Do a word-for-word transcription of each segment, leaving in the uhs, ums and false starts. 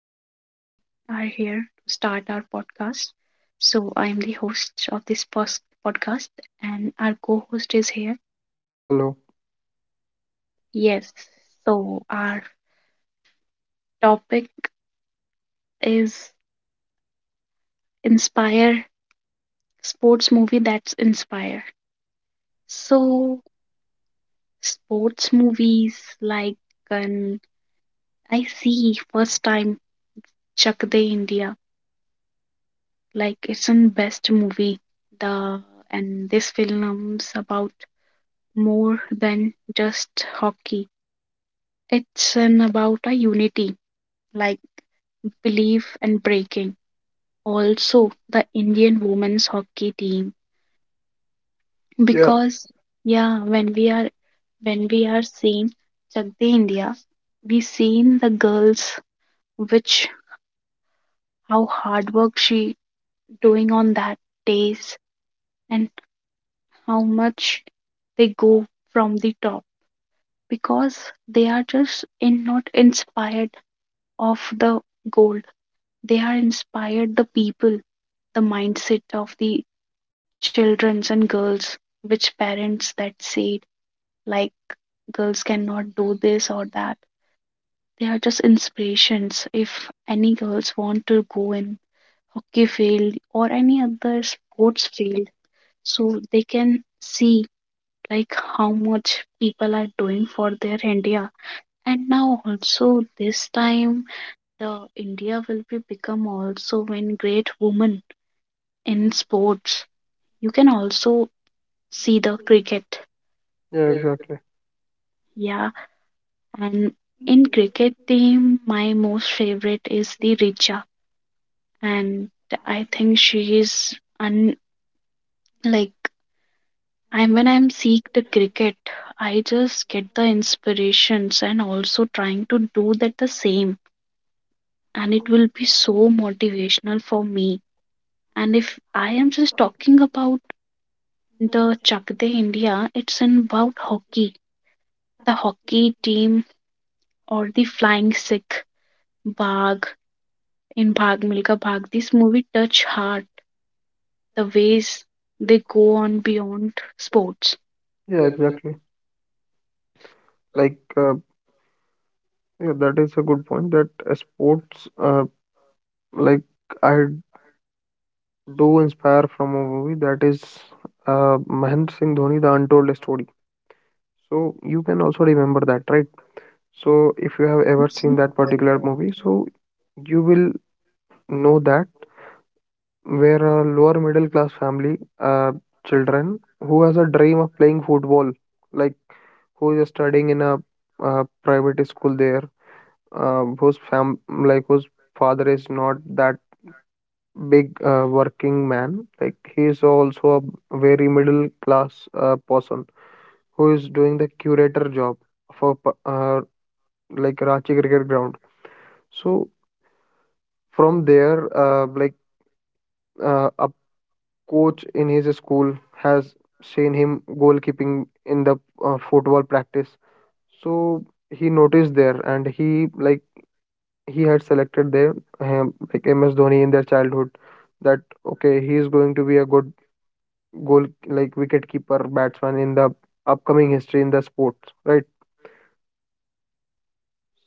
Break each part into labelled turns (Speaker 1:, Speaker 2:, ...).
Speaker 1: here to start our podcast. So, I am the host of this pos- podcast, and our co host is here.
Speaker 2: Hello.
Speaker 1: Yes. So, our topic is Inspire Sports Movie That's Inspire. So, sports movies like um, I see first time Chak De India, like it's an best movie. The and this film's about more than just hockey. It's an about a unity, like belief and breaking. Also, the Indian women's hockey team, yeah,
Speaker 2: Yeah,
Speaker 1: because yeah, when we are when we are seeing Chakde India, we seen the girls which how hard work she doing on that days and how much they go from the top because they are just in not inspired of the gold. They are inspired the people, the mindset of the childrens and girls, which parents that said like girls cannot do this or that. They are just inspirations. If any girls want to go in hockey field or any other sports field, so they can see like how much people are doing for their India. And now also this time the India will be become also when great woman in sports, you can also see the cricket.
Speaker 2: yeah, exactly.
Speaker 1: Yeah, and in cricket team my most favorite is the Richa, and I think she is un- like I'm when I'm seeing the cricket, I just get the inspirations and also trying to do that the same, and it will be so motivational for me. And if I am just talking about the Chakde India, it's in about hockey, the hockey team, or the Flying Sikh, Bag in Bag Milka Bag. This movie touch heart the ways they go on beyond sports.
Speaker 2: Yeah, exactly. Like, uh, yeah, that is a good point. That uh, sports, uh, like I do inspire from a movie that is uh, Mahendra Singh Dhoni, The Untold Story. So you can also remember that, right? So if you have ever seen that particular movie, so you will know that where a lower middle class family, uh, children who has a dream of playing football, like who is studying in a uh, private school there uh, whose fam like whose father is not that big uh, working man like he is also a very middle class uh, person who is doing the curator job for p- uh, like Ranchi cricket ground, so from there uh, like uh, a coach in his school has seen him goalkeeping in the uh, football practice. So he noticed there and he like he had selected their um, like M S Dhoni in their childhood, that okay he is going to be a good goal like wicket keeper batsman in the upcoming history in the sports, right?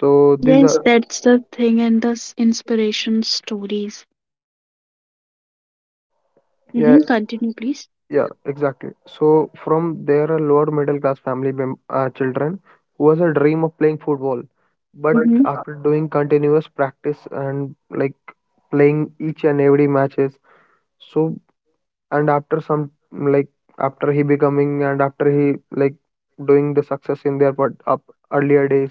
Speaker 2: so these
Speaker 1: Yes,
Speaker 2: are
Speaker 1: that's the thing, and the s- inspiration stories.
Speaker 2: Yeah,
Speaker 1: Mm-hmm. Continue, please.
Speaker 2: yeah, exactly. So from there a lower middle class family mem- uh, children who has a dream of playing football, but
Speaker 1: Mm-hmm.
Speaker 2: after doing continuous practice and like playing each and every matches, so. And after some like after he becoming and after he like doing the success in their but up earlier days,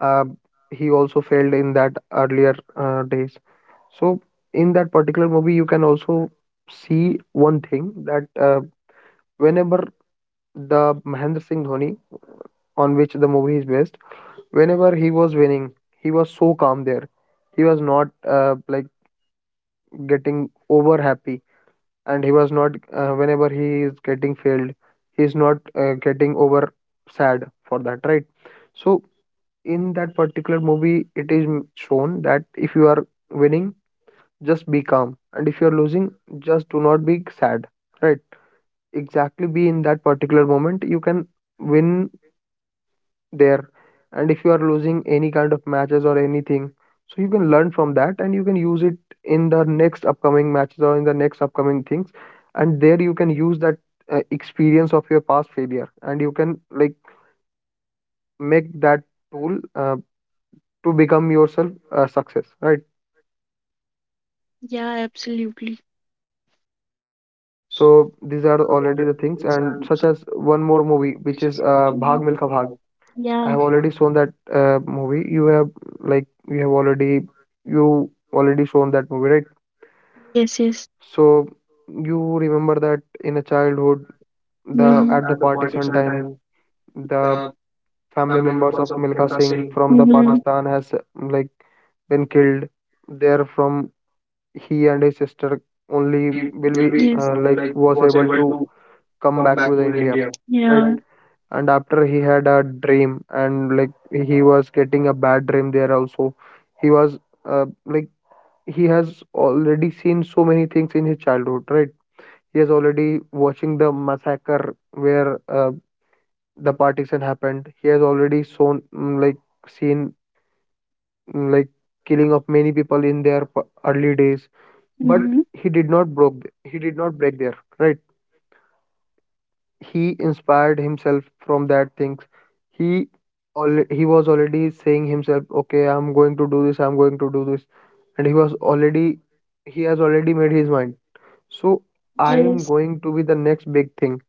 Speaker 2: uh, he also failed in that earlier uh, days. So in that particular movie, you can also see one thing that uh, whenever the Mahendra Singh Dhoni, on which the movie is based, whenever he was winning, he was so calm there. He was not uh, like getting over happy, and he was not uh, whenever he is getting failed, he's not uh, getting over sad for that, right? So in that particular movie it is m- shown that if you are winning, just be calm, and if you are losing, just do not be sad, right? Exactly, be in that particular moment you can win there. And if you are losing any kind of matches or anything, so you can learn from that and you can use it in the next upcoming matches or in the next upcoming things. And there you can use that uh, experience of your past failure and you can like make that tool uh, to become yourself a success, right?
Speaker 1: Yeah, absolutely.
Speaker 2: So these are already the things, and such as one more movie which is uh, bhag milka bhag. I
Speaker 1: Yeah.
Speaker 2: have already shown that uh, movie. you have like you have already you already shown that movie, right?
Speaker 1: Yes, yes.
Speaker 2: So you remember that in a childhood, the at the partition time, the
Speaker 1: Mhm.
Speaker 2: family
Speaker 1: Family
Speaker 2: members
Speaker 1: members
Speaker 2: of
Speaker 1: of
Speaker 2: Milkha
Speaker 1: Milka
Speaker 2: Singh
Speaker 1: Singh
Speaker 2: from
Speaker 1: from
Speaker 2: the
Speaker 1: the, mm-hmm, past
Speaker 2: Pakistan has uh, like been killed. There from he and his sister only
Speaker 1: only
Speaker 2: will
Speaker 1: will
Speaker 2: be
Speaker 1: be, yes, uh,
Speaker 2: uh, like
Speaker 1: like
Speaker 2: was
Speaker 1: was
Speaker 2: able
Speaker 1: able
Speaker 2: to
Speaker 1: to
Speaker 2: come
Speaker 1: come
Speaker 2: back to
Speaker 1: back
Speaker 2: the
Speaker 1: to the
Speaker 2: India,
Speaker 1: India, yeah,
Speaker 2: right?
Speaker 1: right?
Speaker 2: And after he had a dream and like he was getting a bad dream there also. He was uh, like he has already seen so many things in his childhood, right? He has already watching the massacre where uh, the partition happened. He has already shown mm, like seen mm, like killing of many people in their p- early days.
Speaker 1: But,
Speaker 2: But
Speaker 1: mm-hmm,
Speaker 2: he did not broke. th- He did not break there. Right. He inspired himself from that things. He al- he was already saying himself, okay, I'm going to do this. I'm going to do this, and he was already he has already made his mind. So I
Speaker 1: I'm,
Speaker 2: am
Speaker 1: yes,
Speaker 2: going to be the next big thing,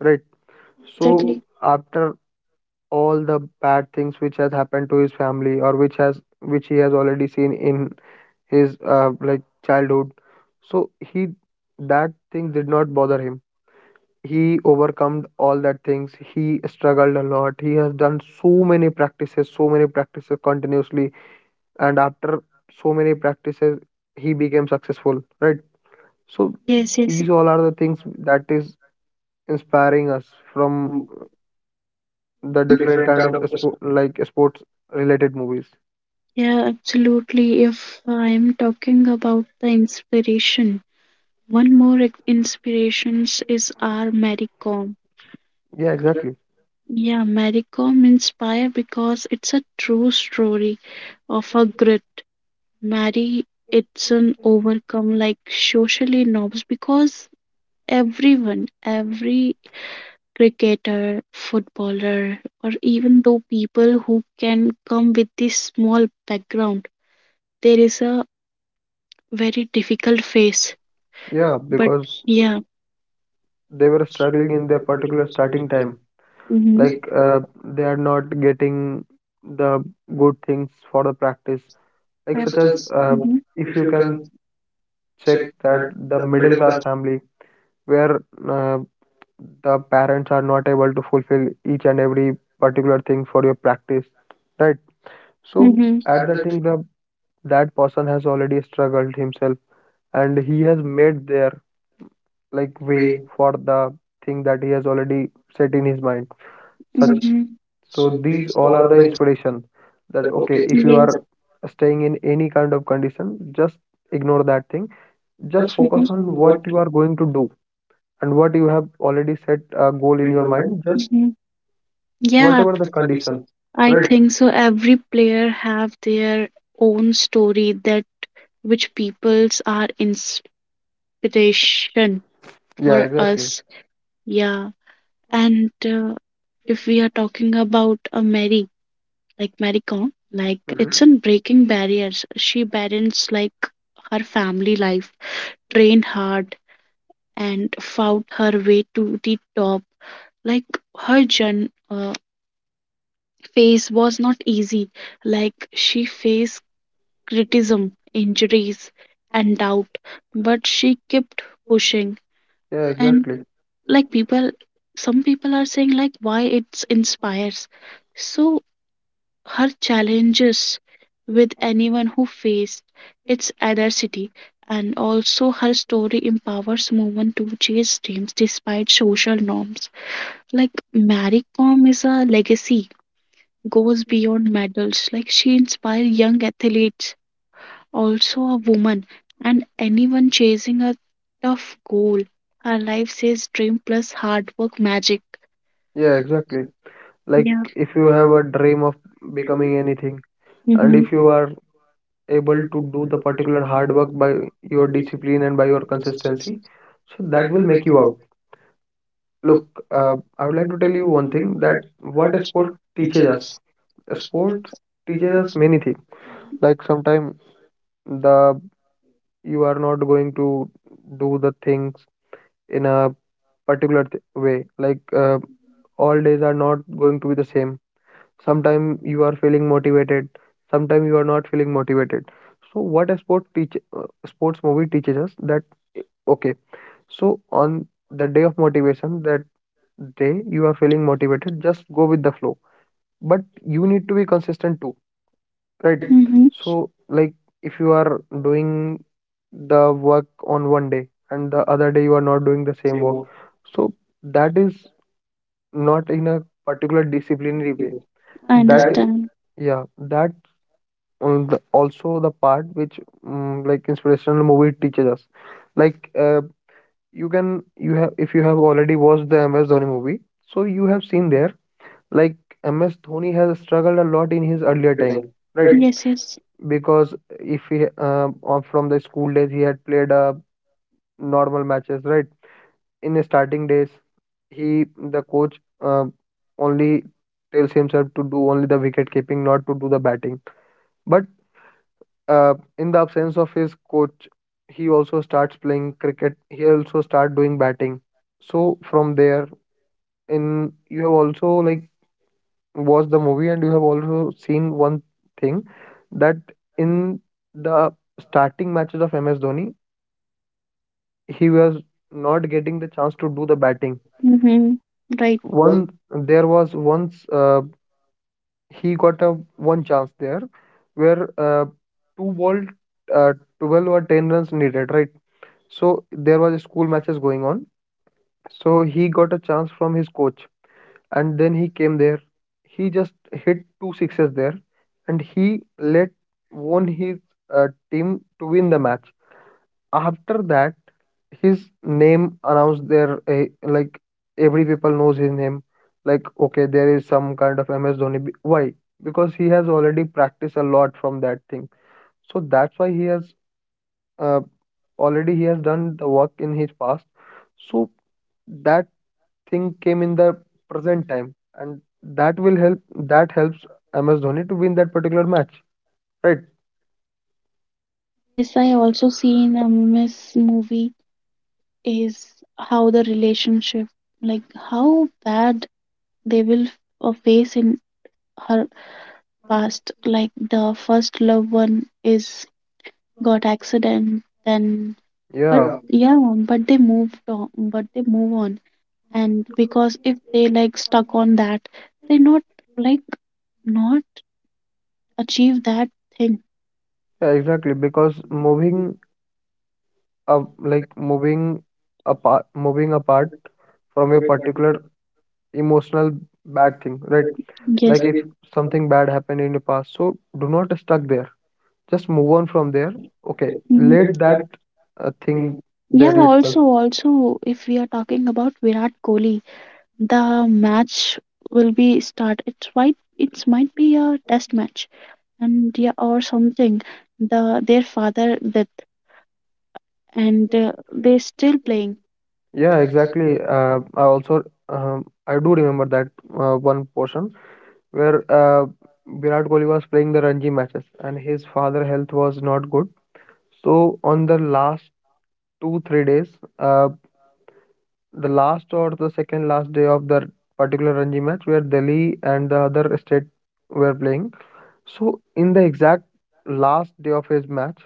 Speaker 2: right?
Speaker 1: so
Speaker 2: So
Speaker 1: exactly.
Speaker 2: after all the bad things which has happened to his family or which has which he has already seen in his uh, like childhood, so he that thing did not bother him. He overcome all that things. He struggled a lot. He has done so many practices, so many practices continuously, and after so many practices, he became successful. Right. So
Speaker 1: so so, yes. Yes.
Speaker 2: these all are the things that is inspiring us from
Speaker 1: From the,
Speaker 2: the
Speaker 1: mm-hmm,
Speaker 2: different
Speaker 1: different
Speaker 2: kind
Speaker 1: kind
Speaker 2: of
Speaker 1: of perspectives.
Speaker 2: spo- like sports related movies.
Speaker 1: Yeah, absolutely. If I'm talking about the inspiration, one more ex- inspirations is our Mary Kom.
Speaker 2: Yeah, exactly.
Speaker 1: Yeah, Mary Kom inspire because it's a true story of a grit Marry, it's an overcome like socially norms because everyone, every cricketer, footballer, or even though people who can come with this small background, there is a very difficult phase. Yeah,
Speaker 2: Yeah,
Speaker 1: but
Speaker 2: because
Speaker 1: because yeah.
Speaker 2: they were struggling in their particular starting
Speaker 1: It can,
Speaker 2: time,
Speaker 1: mhm.
Speaker 2: like
Speaker 1: Like uh,
Speaker 2: uh, they
Speaker 1: yeah,
Speaker 2: are not getting the good things for the practice,
Speaker 1: yes. Like,
Speaker 2: like
Speaker 1: yep,
Speaker 2: such
Speaker 1: such
Speaker 2: as
Speaker 1: as uh,
Speaker 2: uh,
Speaker 1: mhm,
Speaker 2: if
Speaker 1: if
Speaker 2: you
Speaker 1: you can
Speaker 2: can check
Speaker 1: check
Speaker 2: that the
Speaker 1: the
Speaker 2: middle
Speaker 1: middle
Speaker 2: class
Speaker 1: class,
Speaker 2: family where uh, the parents are not able to fulfill each and every particular thing for your practice, right? So
Speaker 1: mhm,
Speaker 2: at that thing the that person has already struggled himself and he has made their like
Speaker 1: like
Speaker 2: way
Speaker 1: way,
Speaker 2: for the thing that he has already set in his mind such.
Speaker 1: such, mhm,
Speaker 2: So these
Speaker 1: these
Speaker 2: all
Speaker 1: all
Speaker 2: are
Speaker 1: are
Speaker 2: the
Speaker 1: the,
Speaker 2: inspiration that
Speaker 1: that
Speaker 2: okay
Speaker 1: okay.
Speaker 2: if you
Speaker 1: If
Speaker 2: are staying in any kind of condition, just ignore that thing. Just focus on what
Speaker 1: what,
Speaker 2: you are going to do and what you have already set a goal in your mind, just
Speaker 1: mhm, yeah,
Speaker 2: whatever the condition,
Speaker 1: I,
Speaker 2: right?
Speaker 1: right, think so. Every player have their own story that which peoples are inspiration for,
Speaker 2: Yeah,
Speaker 1: yeah, exactly,
Speaker 2: exactly.
Speaker 1: us. Yeah, and uh, if we are talking about a Mary, like Mary Kom, like
Speaker 2: Hmm.
Speaker 1: it's, mhm, on breaking barriers. She balanced like her family life, trained hard, and found her way to the top. Like her journey phase was not easy. Like she faced criticism, injuries, and doubt, but she kept pushing.
Speaker 2: Yeah,
Speaker 1: Yeah, and
Speaker 2: exactly.
Speaker 1: definitely. Like people, some people are saying like why it inspires. So her challenges with anyone who faced its adversity, and also her story empowers women to chase dreams despite social norms. Like Marie Kom is a legacy goes beyond medals. Like she inspires young athletes, also a woman, and anyone chasing a tough goal. Her life says dream plus hard work magic.
Speaker 2: Yeah,
Speaker 1: Yeah,
Speaker 2: exactly.
Speaker 1: exactly.
Speaker 2: Like
Speaker 1: Yeah.
Speaker 2: if you
Speaker 1: You
Speaker 2: have
Speaker 1: have,
Speaker 2: a dream of becoming anything, and if you
Speaker 1: mm-hmm,
Speaker 2: are able to do the particular hard work by your discipline and by your consistency, so that will make you out. Look,
Speaker 1: look
Speaker 2: uh, I would like to tell you one
Speaker 1: in
Speaker 2: thing, that what a sport teaches us. A sport teaches us
Speaker 1: figures
Speaker 2: many things, like sometimes the you are not going to do the things in a particular th- way, like uh, all days are not going to be the same. Sometimes you are feeling motivated, sometimes you are not feeling motivated. So what a sport teach uh, sports movie teaches us that eh, okay, so on the day of motivation, that day you are feeling motivated, just go with the flow. But you need to be consistent too, right?
Speaker 1: that, hmm,
Speaker 2: So like if you are doing the work on one day and the other day you are not doing the same work, so that is not in a particular
Speaker 1: discipline.
Speaker 2: disciplinary way.
Speaker 1: I that is
Speaker 2: that i-
Speaker 1: understand.
Speaker 2: yeah, that um, the, also the part which um, like inspirational movie teaches us, like uh, you can you have if you have already watched the ms dhoni movie, so you have seen there, like ms dhoni has struggled a lot in his earlier
Speaker 1: Your
Speaker 2: time,
Speaker 1: time.
Speaker 2: right?
Speaker 1: That, yes, yes,
Speaker 2: Because if he uh, on- from the school days he had played uh, normal matches, right? In his starting days he the coach uh, only tells himself to do only the wicket keeping, not to do the batting, but uh, in the absence of his coach, he also starts playing cricket. He also start doing batting. So from there, in you have also like watched the movie and you have also seen one thing that in the starting matches of M S Dhoni, he was not getting the chance to do the
Speaker 1: the
Speaker 2: batting.
Speaker 1: batting. Mm-hmm. Right. One.
Speaker 2: One there was once uh, he got a one chance there where uh, two ball uh, twelve or ten runs needed, right? So there was school matches going on. So he got a chance from his coach, and then he came there. He just hit two sixes there, and he let won his uh, team to win the match. After that, his name announced there. Uh, like every people knows his name. Like okay, there is some kind of M S Dhoni. Why? Because he has already practiced a lot from that thing. So that's why he has uh, already he has done the work in his past, so that thing came in the present time, and that will help that helps ms dhoni to win that particular match, right?
Speaker 1: Yes, I also seen a Miss movie is how the relationship, like how bad they will uh, face in her past, like the first loved one is got accident then, but
Speaker 2: Yeah,
Speaker 1: yeah, yeah but they moved on but they move on. And because if they like stuck on that, they not like not achieve that thing.
Speaker 2: yeah, exactly. Because moving uh, like moving apart moving apart from a particular emotional bad thing, right?
Speaker 1: Yes.
Speaker 2: Like
Speaker 1: Like
Speaker 2: if
Speaker 1: it-
Speaker 2: something bad happened in the past, so do not stuck there. Just move on from there. Okay,
Speaker 1: mhm, let
Speaker 2: let that
Speaker 1: that
Speaker 2: uh, thing
Speaker 1: thing, yeah,
Speaker 2: there
Speaker 1: go on.
Speaker 2: itself.
Speaker 1: Also, also if we are talking about Virat Kohli, the match will be start, it's might it might be a test match, and yeah or something, the their father that, and uh, they still playing.
Speaker 2: Yeah, exactly. uh, I also um, I do remember that uh, one portion where uh, virat kohli was playing the ranji matches and his father health was not good. So on the last two three days uh, the last or the second last day of the particular ranji match where delhi and the other state were playing. So, in the exact last day of his match,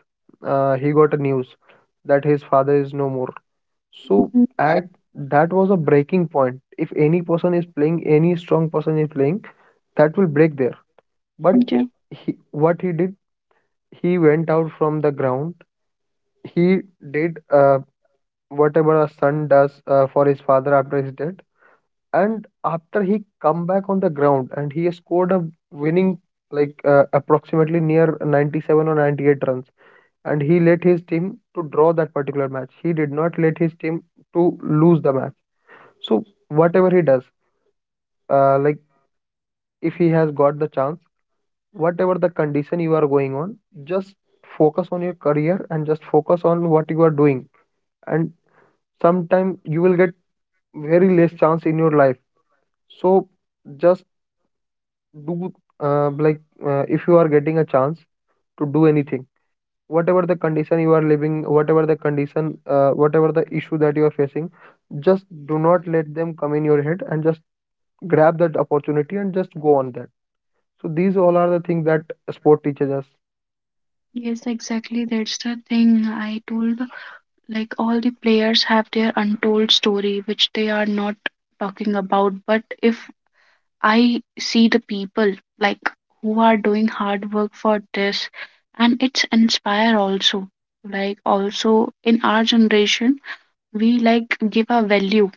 Speaker 2: uh, he got a news that his father is no more. So,
Speaker 1: Mhm.
Speaker 2: at that was a breaking point. If any person is playing, any strong person is playing, that will break there. But
Speaker 1: Mm. Yeah.
Speaker 2: he, what he did, he went out from the ground. He did uh, whatever a son does uh, for his father after his death. And after he come back on the ground and he scored a winning like uh, approximately near ninety-seven or ninety-eight runs, and he let his team to draw that particular match. He did not let his team to lose the match. So whatever he does, uh, like if he has got the chance, whatever the condition you are going on, just focus on your career and just focus on what you are doing. And sometime you will get very less chance in your life. So just do uh, like uh, if you are getting a chance to do anything whatever the condition you are living, whatever the condition, uh, whatever the issue that you are facing, just do not let them come in your head and just grab that opportunity and just go on that. So these all are the things that sport teaches us.
Speaker 1: Yes, exactly. That's the thing I told. Like, all the players have their untold story, which they are not talking about. But if I see the people like who are doing hard work for this, and it's inspire also, like also in our generation we like give a value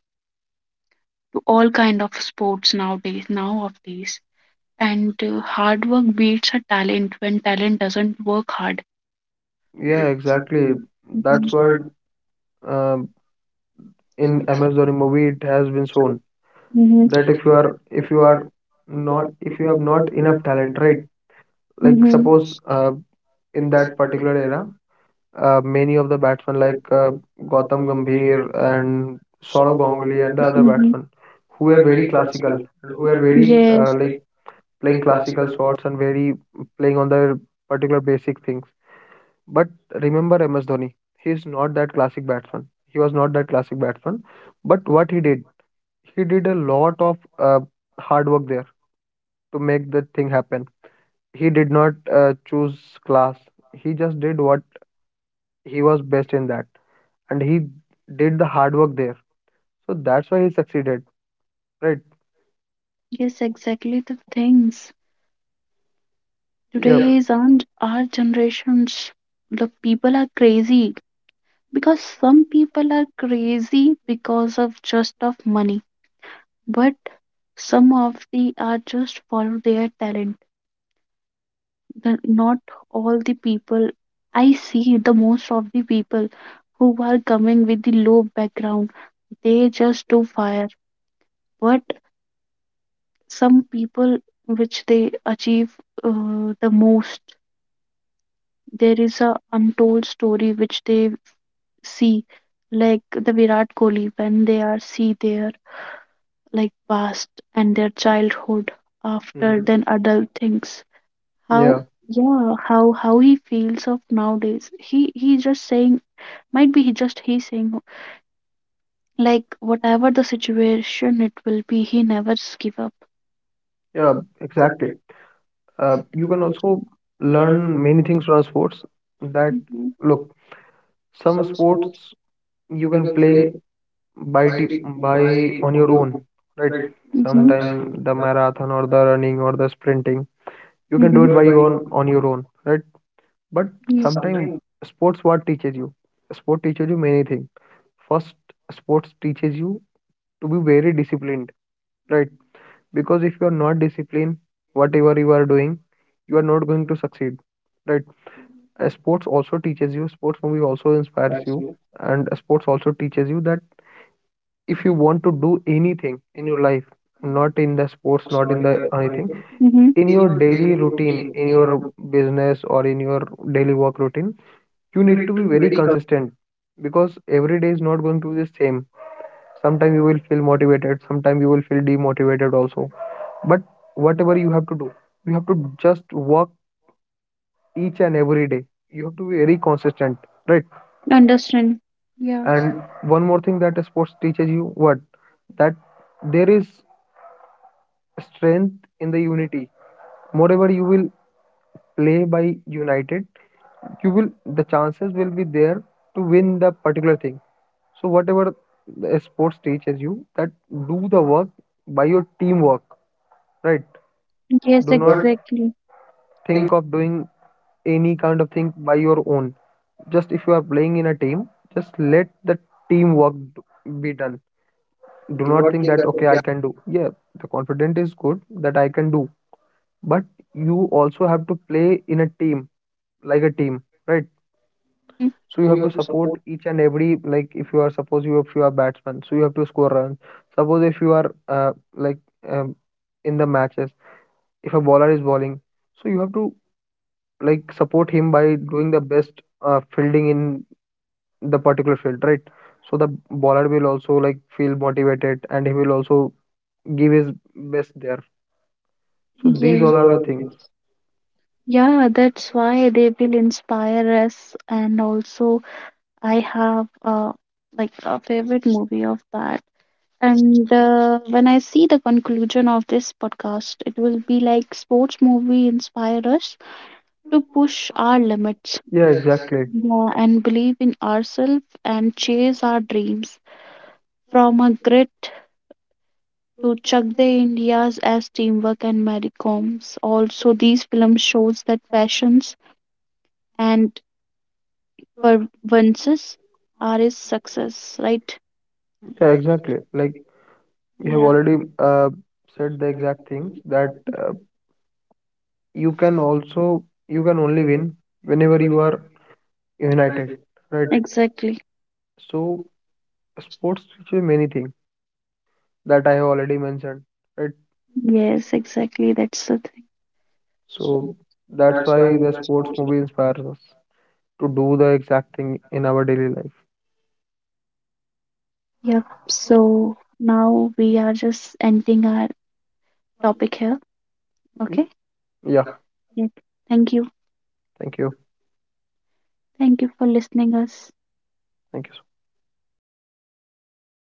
Speaker 1: to all kind of sports nowadays now of these. And uh, hard work beats a talent when talent doesn't work hard. Yeah,
Speaker 2: Yeah, exactly. That's why um, in M S Dhoni movie it has been shown
Speaker 1: mhm,
Speaker 2: that if
Speaker 1: that
Speaker 2: you are if you are not
Speaker 1: if
Speaker 2: if you
Speaker 1: you
Speaker 2: have
Speaker 1: are not
Speaker 2: not enough
Speaker 1: enough,
Speaker 2: talent, right? Like
Speaker 1: mhm,
Speaker 2: suppose
Speaker 1: suppose
Speaker 2: uh, in that particular era uh, many of the batsmen like uh, Gautam Gambhir and Saurav
Speaker 1: somehow
Speaker 2: Ganguly
Speaker 1: we are
Speaker 2: and the other
Speaker 1: done, mhm,
Speaker 2: batsmen who
Speaker 1: who
Speaker 2: are
Speaker 1: are
Speaker 2: very
Speaker 1: wait-
Speaker 2: classical and who
Speaker 1: who
Speaker 2: are
Speaker 1: are
Speaker 2: very
Speaker 1: waiting
Speaker 2: uh,
Speaker 1: for,
Speaker 2: like
Speaker 1: yes,
Speaker 2: playing classical
Speaker 1: another.
Speaker 2: shots and very playing on their particular basic things. But remember M S Dhoni, he is not that classic batsman. He was not that classic batsman. But what he did, he did a lot of uh, hard work there to make that thing happen. He did not uh, choose class. He just did what he was best in that and he did the hard work there. So that's why he succeeded, right?
Speaker 1: Yes, exactly the things. Yeah.
Speaker 2: Yeah,
Speaker 1: Today's and our generations, the people are crazy because some people are crazy because of just of money, but some of the are just for their talent. The, not all the people, I see the most of the people who are coming with the low background, they just do fire. But some people which they achieve uh, the most, there is a untold story which they see, like the Virat Kohli when they are see their like past and their childhood after, mhm,
Speaker 2: hmm,
Speaker 1: then adult things, how,
Speaker 2: yeah,
Speaker 1: yeah how, how he feels of nowadays, he he just saying, might be he just he saying like whatever the situation it will be, he never s- give up.
Speaker 2: yeah,
Speaker 1: Yeah,
Speaker 2: exactly.
Speaker 1: exactly.
Speaker 2: Uh,
Speaker 1: You
Speaker 2: you can
Speaker 1: know,
Speaker 2: also learn
Speaker 1: learn
Speaker 2: many things from sports that
Speaker 1: that, mhm,
Speaker 2: look, some sports you can play
Speaker 1: play
Speaker 2: by t- by
Speaker 1: by,
Speaker 2: on your own, right?
Speaker 1: mhm,
Speaker 2: Sometime
Speaker 1: sometime.
Speaker 2: the marathon or the running or the sprinting, you
Speaker 1: You
Speaker 2: can
Speaker 1: can,
Speaker 2: do
Speaker 1: mhm, do
Speaker 2: it by
Speaker 1: it
Speaker 2: your own on your own, right? But
Speaker 1: by
Speaker 2: sometimes sports what teaches you? Sport teaches you many things. First, sports teaches you to be very disciplined, right? Because if you are not disciplined, whatever you are doing, you are not going to succeed, right? Uh, Sports also teaches you, sports movie also inspires you, and sports also teaches you that if you want to do anything in your life, not in
Speaker 1: in
Speaker 2: the
Speaker 1: the
Speaker 2: sports,
Speaker 1: sports,
Speaker 2: not
Speaker 1: not
Speaker 2: in
Speaker 1: in
Speaker 2: the
Speaker 1: the
Speaker 2: anything,
Speaker 1: anything. Mm-hmm.
Speaker 2: in
Speaker 1: In
Speaker 2: your
Speaker 1: your
Speaker 2: daily
Speaker 1: daily
Speaker 2: routine,
Speaker 1: routine,
Speaker 2: in
Speaker 1: in your,
Speaker 2: your business or in your daily work routine, you
Speaker 1: you
Speaker 2: need to
Speaker 1: need to
Speaker 2: be
Speaker 1: be
Speaker 2: very
Speaker 1: very
Speaker 2: consistent because every day is not going to be the same. Sometimes you will feel motivated, sometimes you will feel demotivated also. But whatever you have to do, you have to just work each and every day. You have to be very consistent, right?
Speaker 1: committed. Understand. Yeah,
Speaker 2: And
Speaker 1: and
Speaker 2: one more thing that sports teaches you what? That there is strength in the unity. Moreover, you will play by united, you will the chances will be there to win the particular thing. So whatever the sports teaches you, that do the work by your teamwork, right?
Speaker 1: yes,
Speaker 2: Do
Speaker 1: not
Speaker 2: not
Speaker 1: exactly. think
Speaker 2: think of doing any kind of thing by your own. Just if you are playing in a team, just let the teamwork d- be done. Do
Speaker 1: do
Speaker 2: not
Speaker 1: not
Speaker 2: think
Speaker 1: think
Speaker 2: that
Speaker 1: that,
Speaker 2: okay, I can do. Yeah, the confidence is good that I can do, but you also have to play in a team like a team, right?
Speaker 1: mm-hmm,
Speaker 2: So you have to support each and every like if you are suppose you if you are batsman, so you have to score runs. Suppose if you are uh, like um, in the matches, if a bowler is bowling, so you have to like support him by doing the best uh, fielding in the particular field, right? So the bowler will also like feel motivated and he will also give his best there. So
Speaker 1: yes,
Speaker 2: these
Speaker 1: these, yes,
Speaker 2: all
Speaker 1: all
Speaker 2: are the
Speaker 1: are the
Speaker 2: things.
Speaker 1: things. Yeah, that's why they will inspire us. And also, I have uh, like a favorite movie of that. And uh, when I see the conclusion of this podcast, it will be like sports movie inspire us to push our limits.
Speaker 2: Yeah,
Speaker 1: Yeah, exactly.
Speaker 2: exactly.
Speaker 1: Yeah, and believe in ourselves and chase our dreams. From a grit to Chak De India's as teamwork and Mary Combs. Also, these films shows that passions and pervences are his success, right?
Speaker 2: Yeah, exactly. Like you have
Speaker 1: Yeah,
Speaker 2: already uh, said the exact things that uh, you can also you can only win whenever you are united, right?
Speaker 1: right. Exactly.
Speaker 2: So sports teach you many things that I have already mentioned, right?
Speaker 1: Yes, exactly. That's the thing.
Speaker 2: So that's why the sports movie inspires us to do the exact thing in our daily life.
Speaker 1: Yep. So now we are just ending our topic here. Okay.
Speaker 2: Yeah,
Speaker 1: Yep. Thank you.
Speaker 2: thank you.
Speaker 1: Thank you for listening us.
Speaker 2: Thank you so